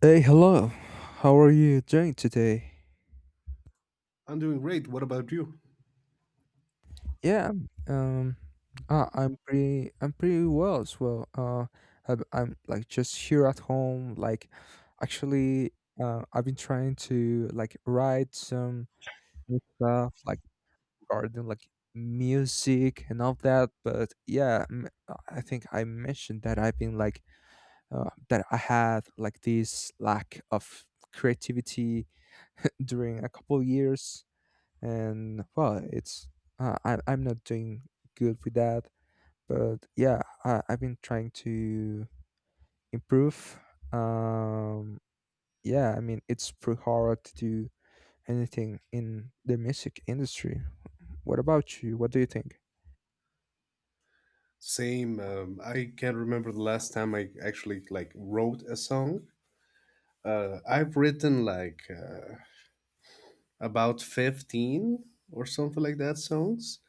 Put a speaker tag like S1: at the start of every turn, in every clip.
S1: Hey, hello. How are you doing today?
S2: I'm doing great. What about you?
S1: Yeah, um, I'm pretty well as well. I'm like just here at home. Actually, I've been trying to like write some new stuff, like regarding like music and all that. But yeah, I think I mentioned that I've been like that I had like this lack of creativity during a couple years and well I'm not doing good with that but yeah I've been trying to improve. um yeah I mean it's pretty hard to do anything in the music industry. What about you, what do you think?
S2: Same. I can't remember the last time I actually like wrote a song. I've written like about 15 or something like that songs,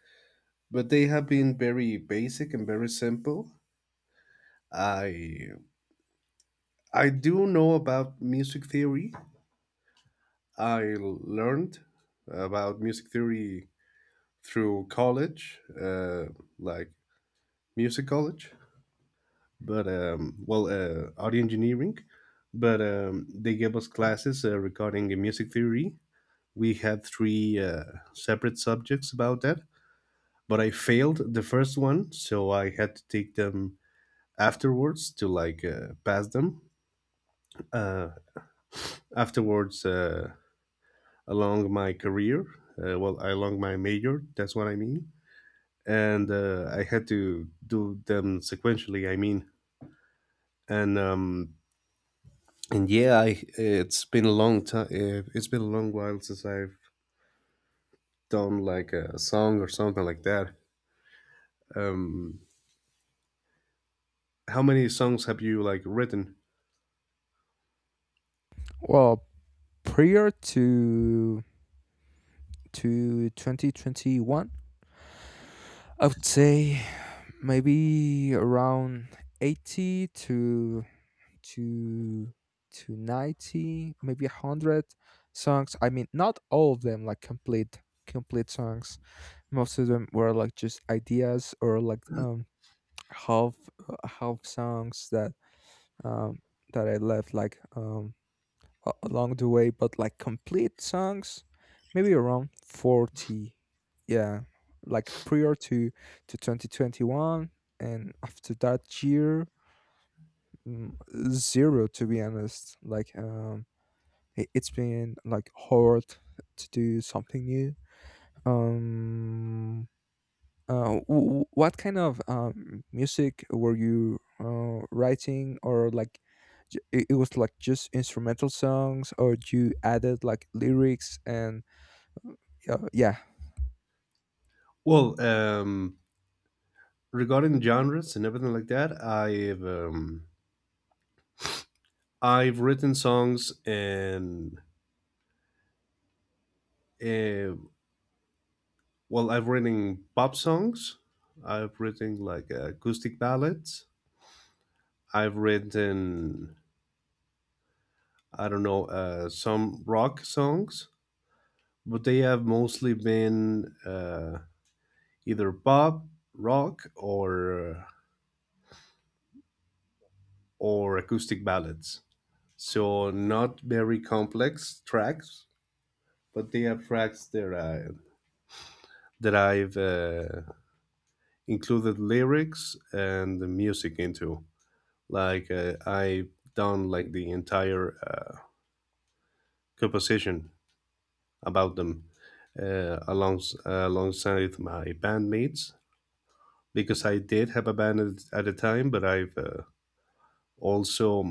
S2: but they have been very basic and very simple. I I do know about music theory. I learned about music theory through college, like music college. But well, audio engineering. But they gave us classes regarding music theory. We had three separate subjects about that, but I failed the first one, so I had to take them afterwards to like pass them. Uh, Afterwards, along my career, well, along my major, that's what I mean. And I had to do them sequentially, I mean. And um, and yeah, I it's been a long time. It's been a long while since I've done like a song or something like that. Um, how many songs have you like written?
S1: Well, prior to 2021 I would say maybe around 80 to to to 90, maybe 100 songs. I mean, not all of them like complete songs. Most of them were like just ideas or like half half songs that um that I left like along the way, but like complete songs, maybe around 40. Yeah, like prior to 2021. And after that year, mm, zero, to be honest. Like it's been like hard to do something new. Um, what kind of music were you writing? Or like it was like just instrumental songs, or you added like lyrics and yeah?
S2: Well, regarding genres and everything like that, I've written songs and uh, well, I've written pop songs. I've written like acoustic ballads. I've written I don't know some rock songs but they have mostly been either pop, rock, or acoustic ballads. So not very complex tracks, but they have tracks that I that I've included lyrics and the music into. Like I done like the entire composition about them, alongside my bandmates because I did have a band at the time, but I've also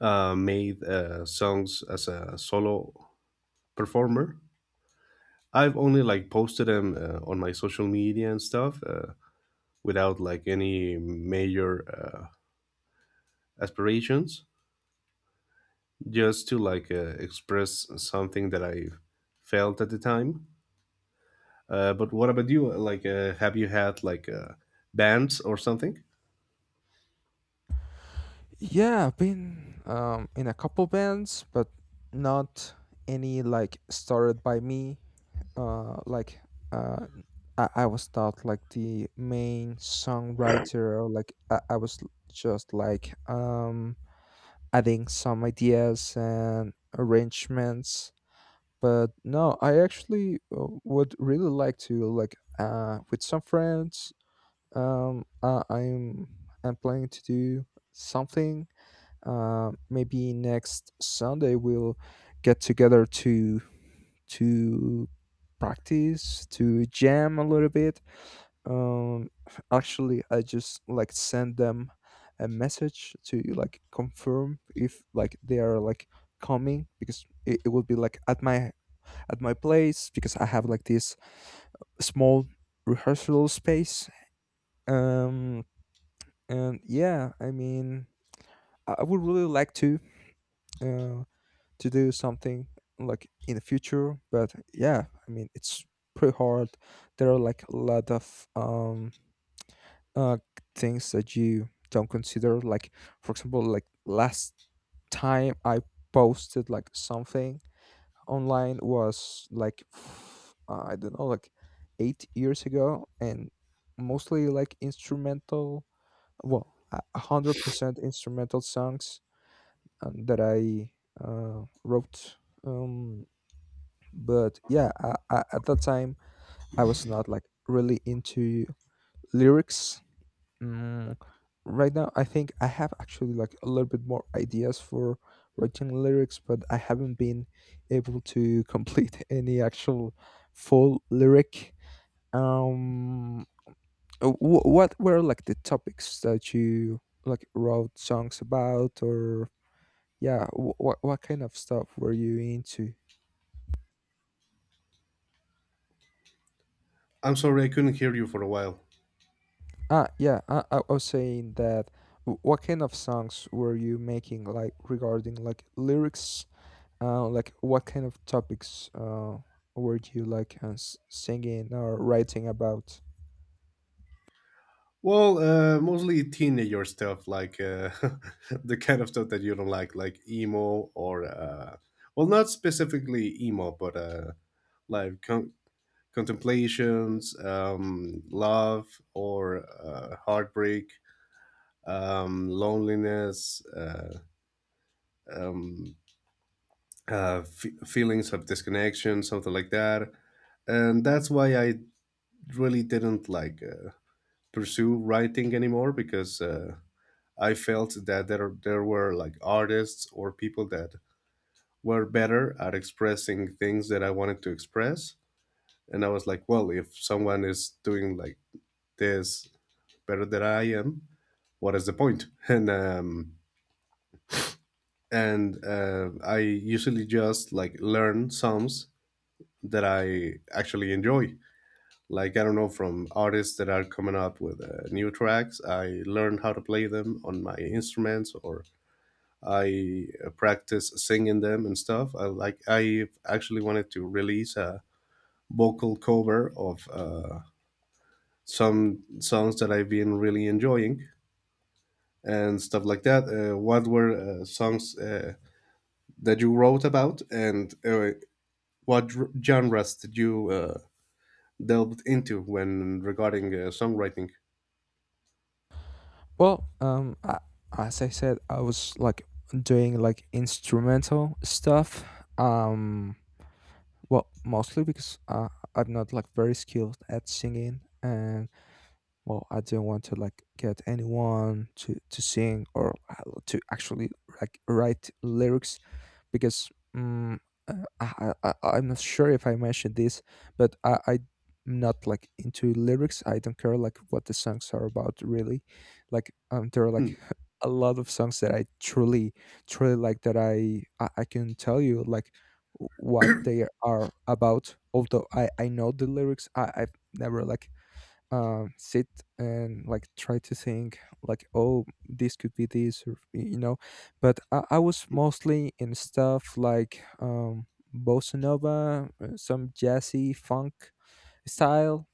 S2: made songs as a solo performer. I've only like posted them on my social media and stuff without like any major aspirations, just to like express something that I felt at the time. But what about you? Like, have you had like bands or something?
S1: Yeah, I've been in a couple bands, but not any like started by me. uh, like uh, I was not like the main songwriter, or like I was just like adding some ideas and arrangements. But no, I actually would really like to, like with some friends, um, I, I'm I'm planning to do something. Maybe next Sunday we'll get together to to practice, to jam a little bit. um Actually I just like send them a message to like confirm if like they are like coming because it will be like at my place because I have like this small rehearsal space. um and yeah I mean I would really like uh to do something like in the future, but yeah I mean it's pretty hard. There are like a lot of uh things that you don't consider. Like for example like last time I posted like something online was like I don't know, like 8 years ago, and mostly like instrumental, well, a 100% instrumental songs that I wrote. um but yeah, I, at that time, I was not like really into lyrics. Mm, right now, I think I have actually like a little bit more ideas for writing lyrics, but I haven't been able to complete any actual full lyric. Um, what were like the topics that you like wrote songs about? Or yeah, what kind of stuff were you into?
S2: I'm sorry, I couldn't hear you for a while.
S1: Ah, yeah, I was saying that what kind of songs were you making, like regarding like lyrics? Like what kind of topics were you like singing or writing about?
S2: Well, mostly teenager stuff, like the kind of stuff that you don't like emo or well, not specifically emo, but like contemplations, love or heartbreak, loneliness, um, feelings of disconnection, something like that, and that's why I really didn't like pursue writing anymore because. I felt that there were like artists or people that were better at expressing things that I wanted to express, and I was like, well, if someone is doing like this better than I am, what is the point? And I usually just like learn songs that I actually enjoy. Like I don't know, from artists that are coming up with new tracks. I learn how to play them on my instruments, or I practice singing them and stuff. I actually wanted to release a vocal cover of some songs that I've been really enjoying and stuff like that. What were songs that you wrote about, and what genres did you delved into when regarding songwriting?
S1: Well, I, as I said, I was like doing like instrumental stuff. Um, well, mostly because I'm not like very skilled at singing, and well I didn't want to like get anyone to sing, or to actually like write lyrics because um, uh, I'm not sure if I mentioned this, but I'm not like into lyrics. I don't care like what the songs are about, really. Like there are like a lot of songs that I truly truly like that I can tell you like what they are about, although I know the lyrics. I've never like sit and like try to think like, oh, this could be this, or you know. But I was mostly in stuff like bossa nova, some jazzy funk style.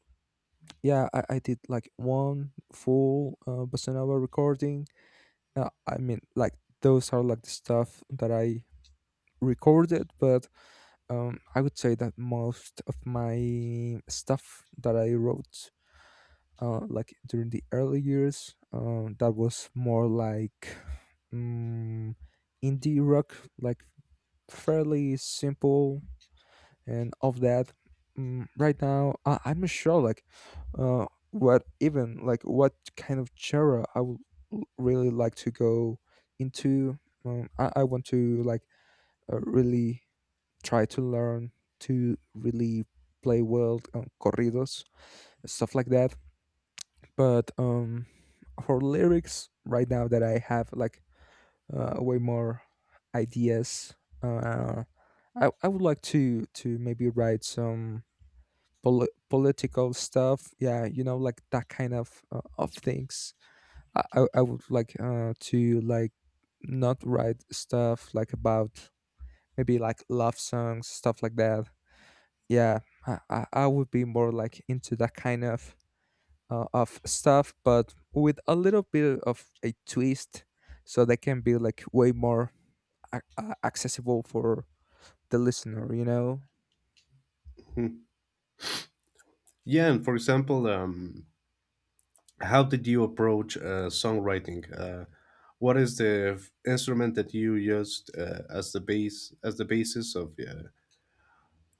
S1: Yeah, I did like one full bossa nova recording. I mean, like, those are like the stuff that I recorded. But I would say that most of my stuff that I wrote like during the early years, that was more like um, indie rock, like fairly simple, and of that. Right now I'm not sure like what even like what kind of genre I would really like to go into. I want to like really try to learn to really play well corridos, stuff like that. But for lyrics right now that I have like way more ideas. Uh, I would like to maybe write some political stuff. Yeah, you know, like that kind of things. I would like to like not write stuff like about maybe like love songs, stuff like that. Yeah, I would be more like into that kind of stuff, but with a little bit of a twist, so they can be like way more accessible for the listener, you know?
S2: Mhm. Yeah, and for example, how did you approach songwriting? What is the instrument that you used as the base, as the basis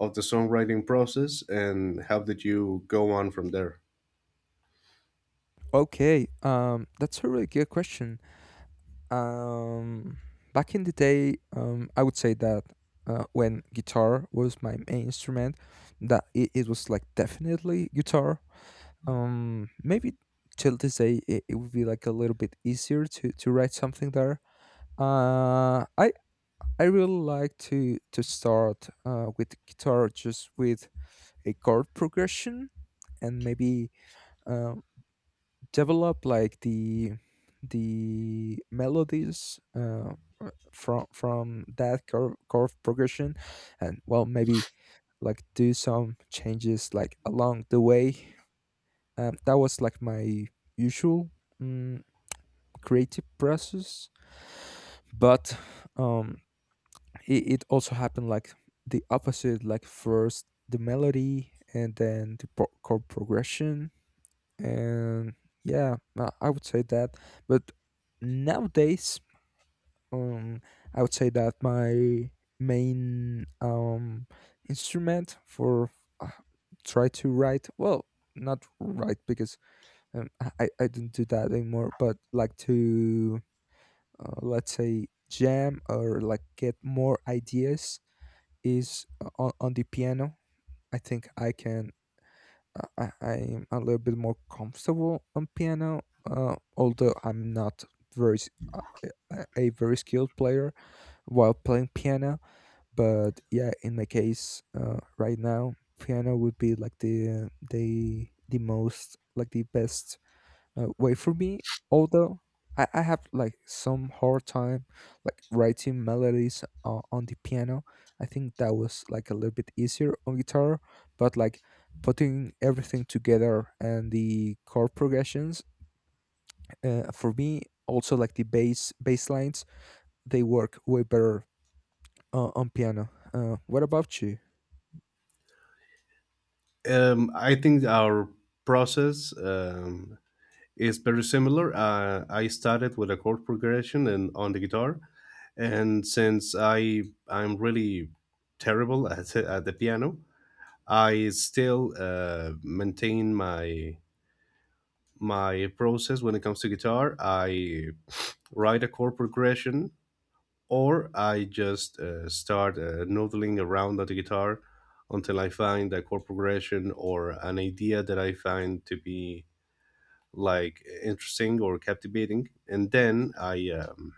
S2: of the songwriting process, and how did you go on from there?
S1: Okay. That's a really good question. Um, Back in the day, I would say that. When guitar was my main instrument, that it was like definitely guitar. Maybe till this day, it would be like a little bit easier to write something there. Uh, I I really like to start with guitar, just with a chord progression and maybe um, develop like the melodies from that chord progression, and well, maybe like do some changes like along the way. That was like my usual mm creative process, but um, it also happened like the opposite, like first the melody and then the chord progression. And yeah I would say that. But nowadays, um I would say that my main instrument for uh, try to write, well, not write, because I don't do that anymore, but like to let's say jam or like get more ideas, is on the piano. I think I can. I, I- I'm a little bit more comfortable on piano, although I'm not very s- uh, a very skilled player while playing piano. But yeah, in my case, right now, piano would be like the most, like the best wait for me, although I have like some hard time like writing melodies on the piano. I think that was like a little bit easier on guitar, but like putting everything together and the chord progressions, for me also like the bass lines, they work way better on piano. What about you?
S2: I think our process is very similar. I started with a chord progression and on the guitar, and since I'm really terrible at the piano, I still maintain my process when it comes to guitar. I write a chord progression, or I just start noodling around on the guitar until I find a chord progression or an idea that I find to be like interesting or captivating, and then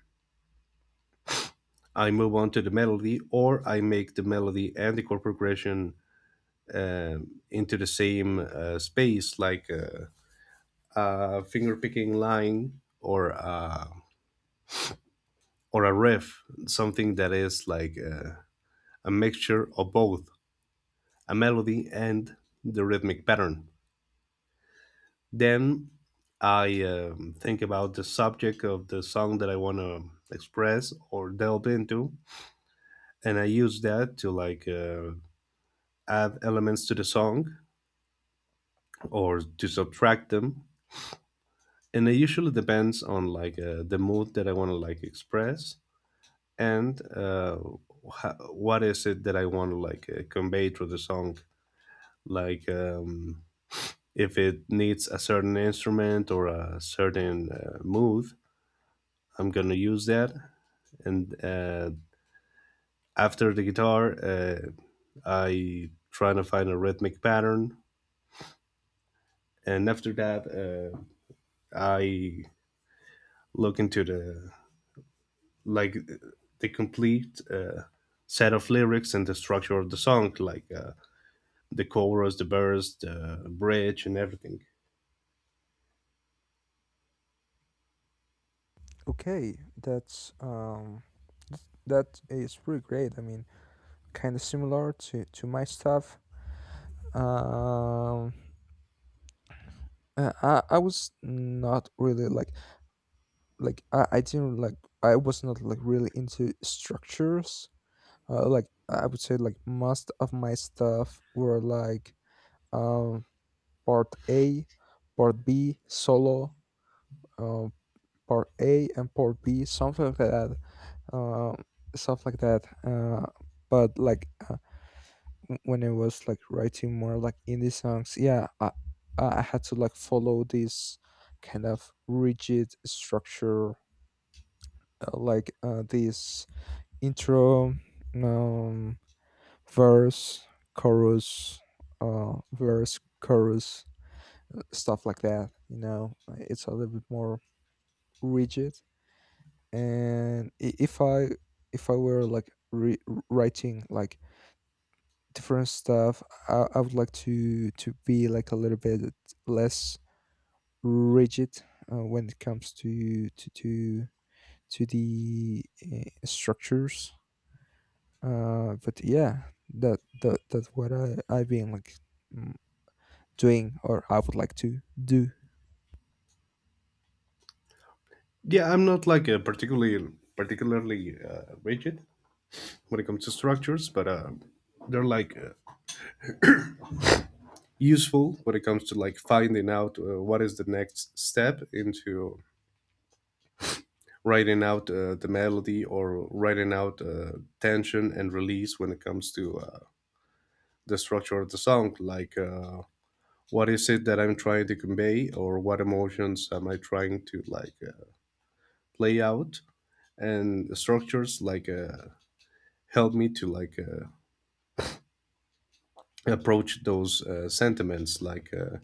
S2: I move on to the melody, or I make the melody and the chord progression into the same space, like a finger picking line or a riff, something that is like. A mixture of both a melody and the rhythmic pattern. Then I think about the subject of the song that I want to express or delve into, and I use that to like add elements to the song or to subtract them. And it usually depends on like the mood that I want to like express and what is it that I want to like convey through the song. Like if it needs a certain instrument or a certain move, I'm gonna use that. And after the guitar, I try to find a rhythmic pattern, and after that, I look into the like the complete set of lyrics and the structure of the song, like the chorus, the verse, the bridge, and everything.
S1: Okay, that's that is pretty great. I mean, kind of similar to my stuff. um I was not really like I didn't like I was not like really into structures. Like I would say like most of my stuff were like um part A, part B, solo, um part A and part B, something like that. Um Stuff like that. But like when I was like writing more like indie songs, yeah, I had to like follow this kind of rigid structure, this intro, um, verse, chorus, verse, chorus, stuff like that, you know? It's a little bit more rigid. And I- if I if I were like writing like different stuff, I would like to be like a little bit less rigid when it comes to the structures. But yeah, that that's what I've been like mm, doing, or I would like to do.
S2: Yeah, I'm not like a particularly rigid when it comes to structures, but they're like useful when it comes to like finding out what is the next step into writing out the melody or writing out tension and release when it comes to the structure of the song, like what is it that I'm trying to convey or what emotions am I trying to like play out. And the structures like help me to like approach those sentiments, like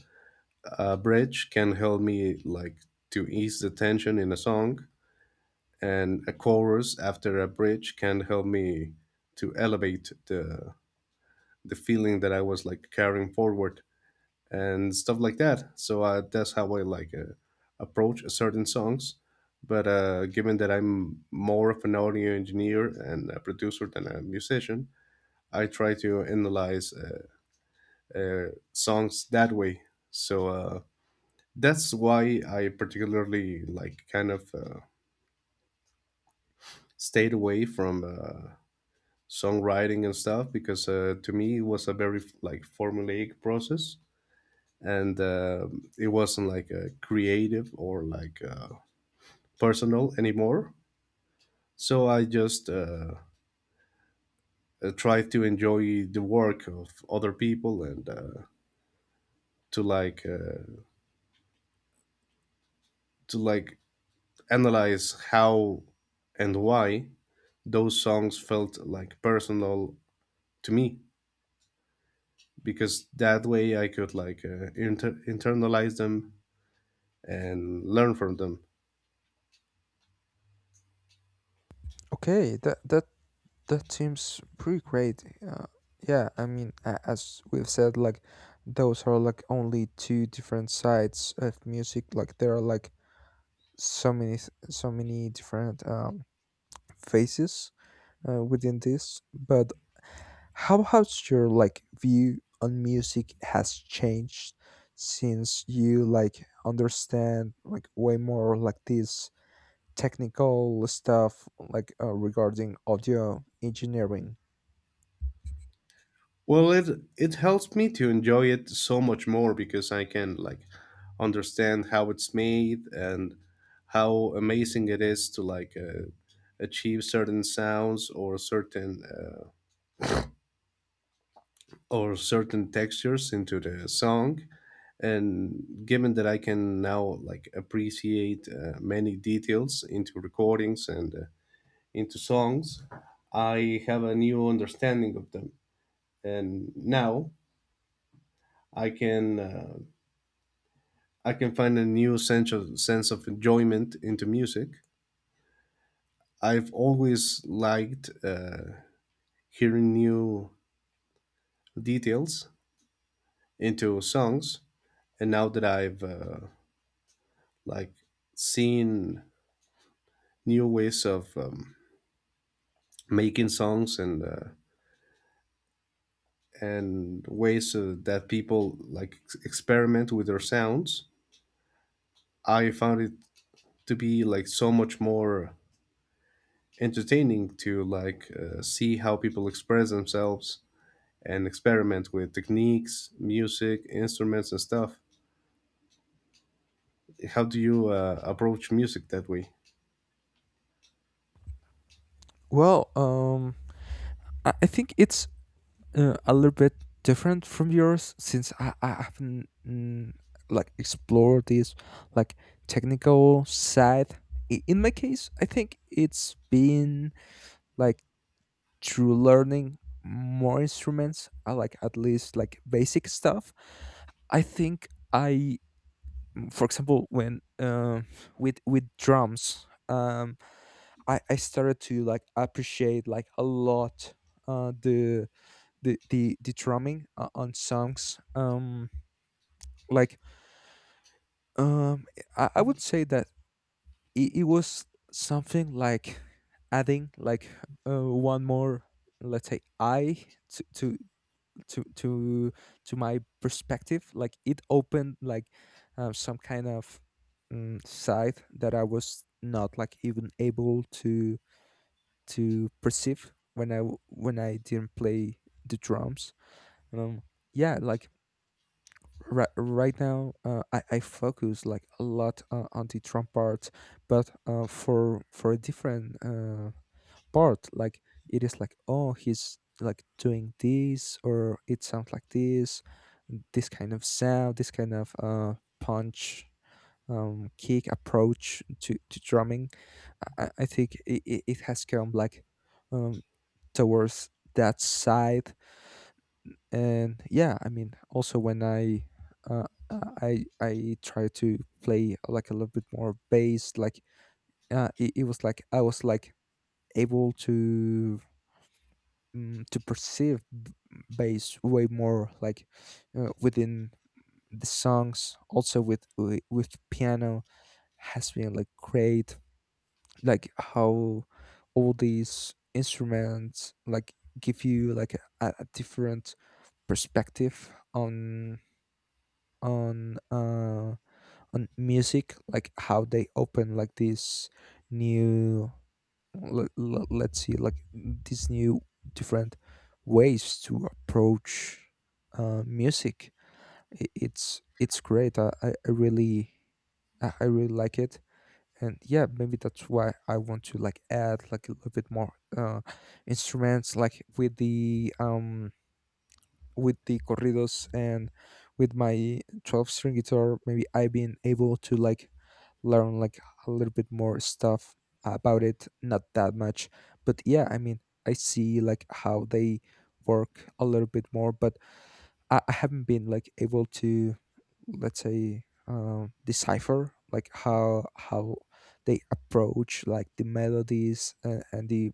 S2: a bridge can help me like to ease the tension in a song, and a chorus after a bridge can help me to elevate the feeling that I was like carrying forward and stuff like that. So that's how I like approach certain songs, but given that I'm more of an audio engineer and a producer than a musician, I try to analyze songs that way. So that's why I particularly like kind of stayed away from songwriting and stuff, because to me it was a very like formulaic process and it wasn't like a creative or like personal anymore. So I just tried to enjoy the work of other people and to like uh, to like analyze how and why those songs felt like personal to me, because that way I could like internalize them and learn from them.
S1: Okay, that that seems pretty great. Yeah, I mean, as we've said, like those are like only two different sides of music. Like there are like so many so many different phases within this. But how has your like view on music has changed since you like understand like way more like this technical stuff, like regarding audio engineering?
S2: Well, it helps me to enjoy it so much more because I can like understand how it's made and how amazing it is to like achieve certain sounds or certain textures into the song. And given that I can now like appreciate many details into recordings and into songs, I have a new understanding of them, and now I can uh, I can find a new sense of enjoyment into music. I've always liked hearing new details into songs, and now that I've like seen new ways of making songs and ways that people like experiment with their sounds, I found it to be like so much more entertaining to like see how people express themselves and experiment with techniques, music, instruments, and stuff. How do you approach music that way?
S1: Well I think it's a little bit different from yours, since I haven't like explored this like technical side. In my case, I think it's been like through learning more instruments, like at least like basic stuff. I think I, for example, when with drums, I started to like appreciate like a lot uh the the drumming on songs like um I would say that it was something like adding like one more, let's say, I to to to my perspective. Like it opened like some kind of side that I was not like even able to perceive when when I didn't play the drums. um yeah like Right, right now, I focus like a lot on the Trump part, but for a different part. Like it is like, oh, he's like doing this, or it sounds like this kind of sound, this kind of punch, kick approach to drumming. I think it has come like um, towards that side. And yeah, I mean, also when uh, I try to play like a little bit more bass, like it was like I was like able to to perceive bass way more, like within the songs. Also with piano has been like great, like how all these instruments like give you like a different perspective on on uh on music, like how they open like this new, let's see, like these new different ways to approach music. It's great. I really, I really like it. And yeah, maybe that's why I want to like add like a little bit more uh instruments, like um with the corridos. And with my 12 string guitar, maybe I've been able to like learn like a little bit more stuff about it. Not that much, but yeah, I mean, I see like how they work a little bit more. But I haven't been like able to, let's say, um, decipher like how they approach like the melodies and the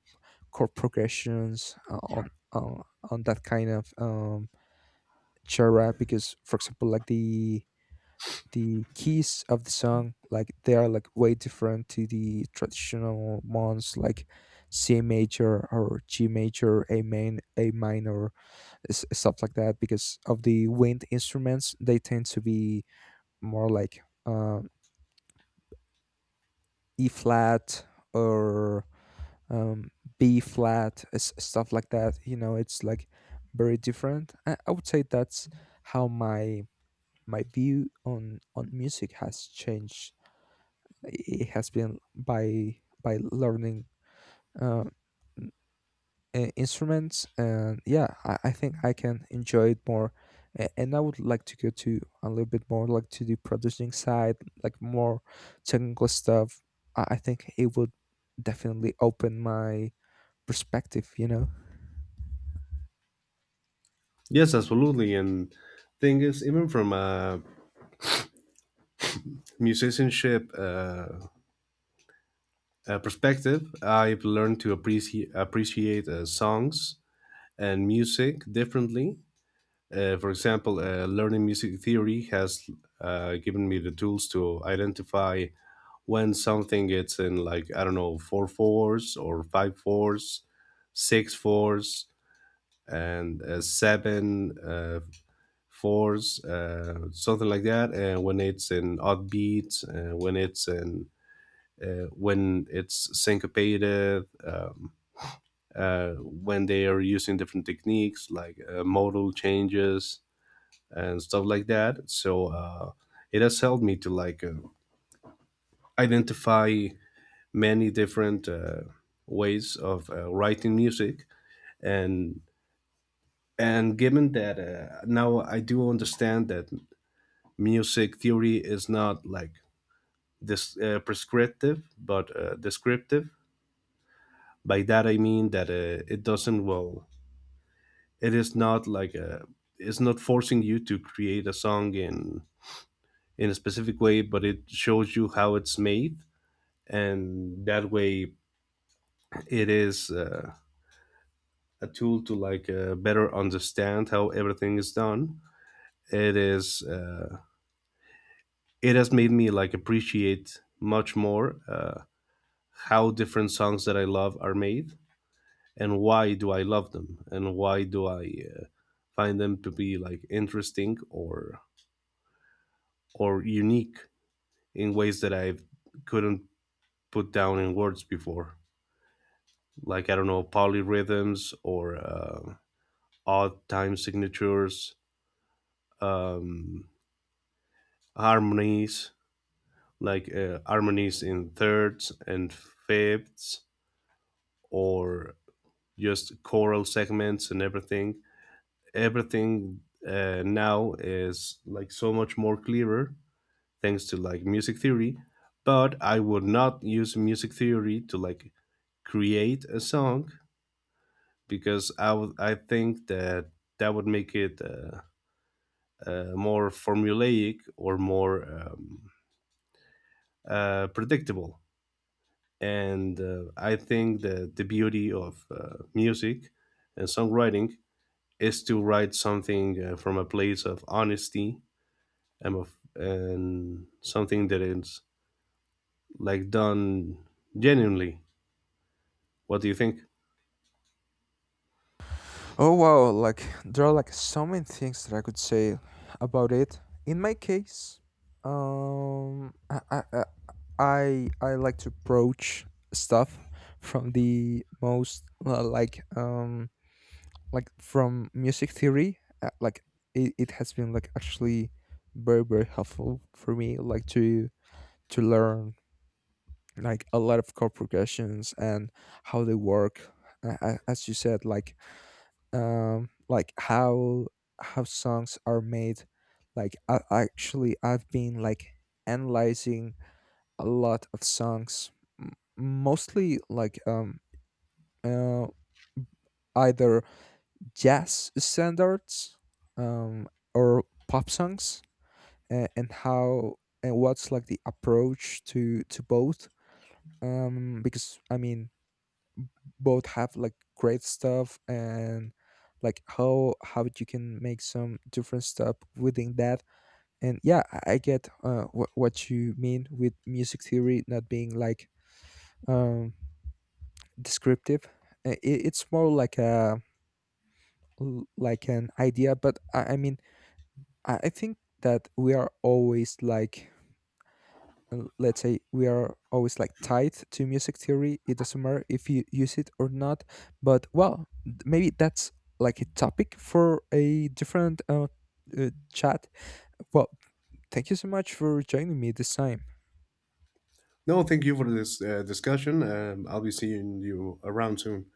S1: chord progressions on that kind of genre. Because for example, like the keys of the song, like they are like way different to the traditional ones, like C major or G major, a main, a minor, stuff like that. Because of the wind instruments, they tend to be more like E flat or um, B flat, stuff like that, you know. It's like very different. I would say that's how my my view on music has changed. It has been by learning uh, n- instruments. And yeah, I think I can enjoy it more. And I would like to go to a little bit more like to the producing side, like more technical stuff. I think it would definitely open my perspective, you know.
S2: Yes, absolutely. And thing is, even from a musicianship perspective, I've learned to appreciate songs and music differently. For example, learning music theory has given me the tools to identify when something gets in like I don't know four fours or five fours, six fours, and seven fours, something like that. And when it's in odd beats, when it's in when it's syncopated, when they are using different techniques like modal changes and stuff like that. So it has helped me to like identify many different ways of writing music, and and given that now I do understand that music theory is not like this prescriptive but descriptive. By that I mean that it doesn't, well, it is not like a it's not forcing you to create a song in a specific way, but it shows you how it's made, and that way it is a tool to like better understand how everything is done. It is it has made me like appreciate much more how different songs that I love are made, and why do I love them, and why do I find them to be like interesting or unique in ways that I couldn't put down in words before. Like I don't know, polyrhythms or odd time signatures, um, harmonies, like harmonies in thirds and fifths, or just choral segments, and everything now is like so much more clearer thanks to like music theory. But I would not use music theory to like create a song, because I think that that would make it more formulaic or more predictable. And I think that the beauty of music and songwriting is to write something from a place of honesty and of and something that is like done genuinely. What do you think?
S1: Oh wow, like there are like so many things that I could say about it. In my case, um I I I I like to approach stuff from the most like from music theory, it has been like actually very very helpful for me, like to learn like a lot of chord progressions and how they work. As you said, like how songs are made. Like actually, I've been like analyzing a lot of songs, mostly like uh, either jazz standards, um or pop songs. And how, and what's like the approach to both. Because I mean, both have like great stuff. And like how you can make some different stuff within that. And yeah, I get what you mean with music theory not being like um descriptive. It's more like a, like an idea. But I mean, I think that we are always like, and let's say we are always like tied to music theory. It doesn't matter if you use it or not. But well, maybe that's like a topic for a different chat. Well, thank you so much for joining me this time.
S2: No, thank you for this discussion. I'll be seeing you around soon.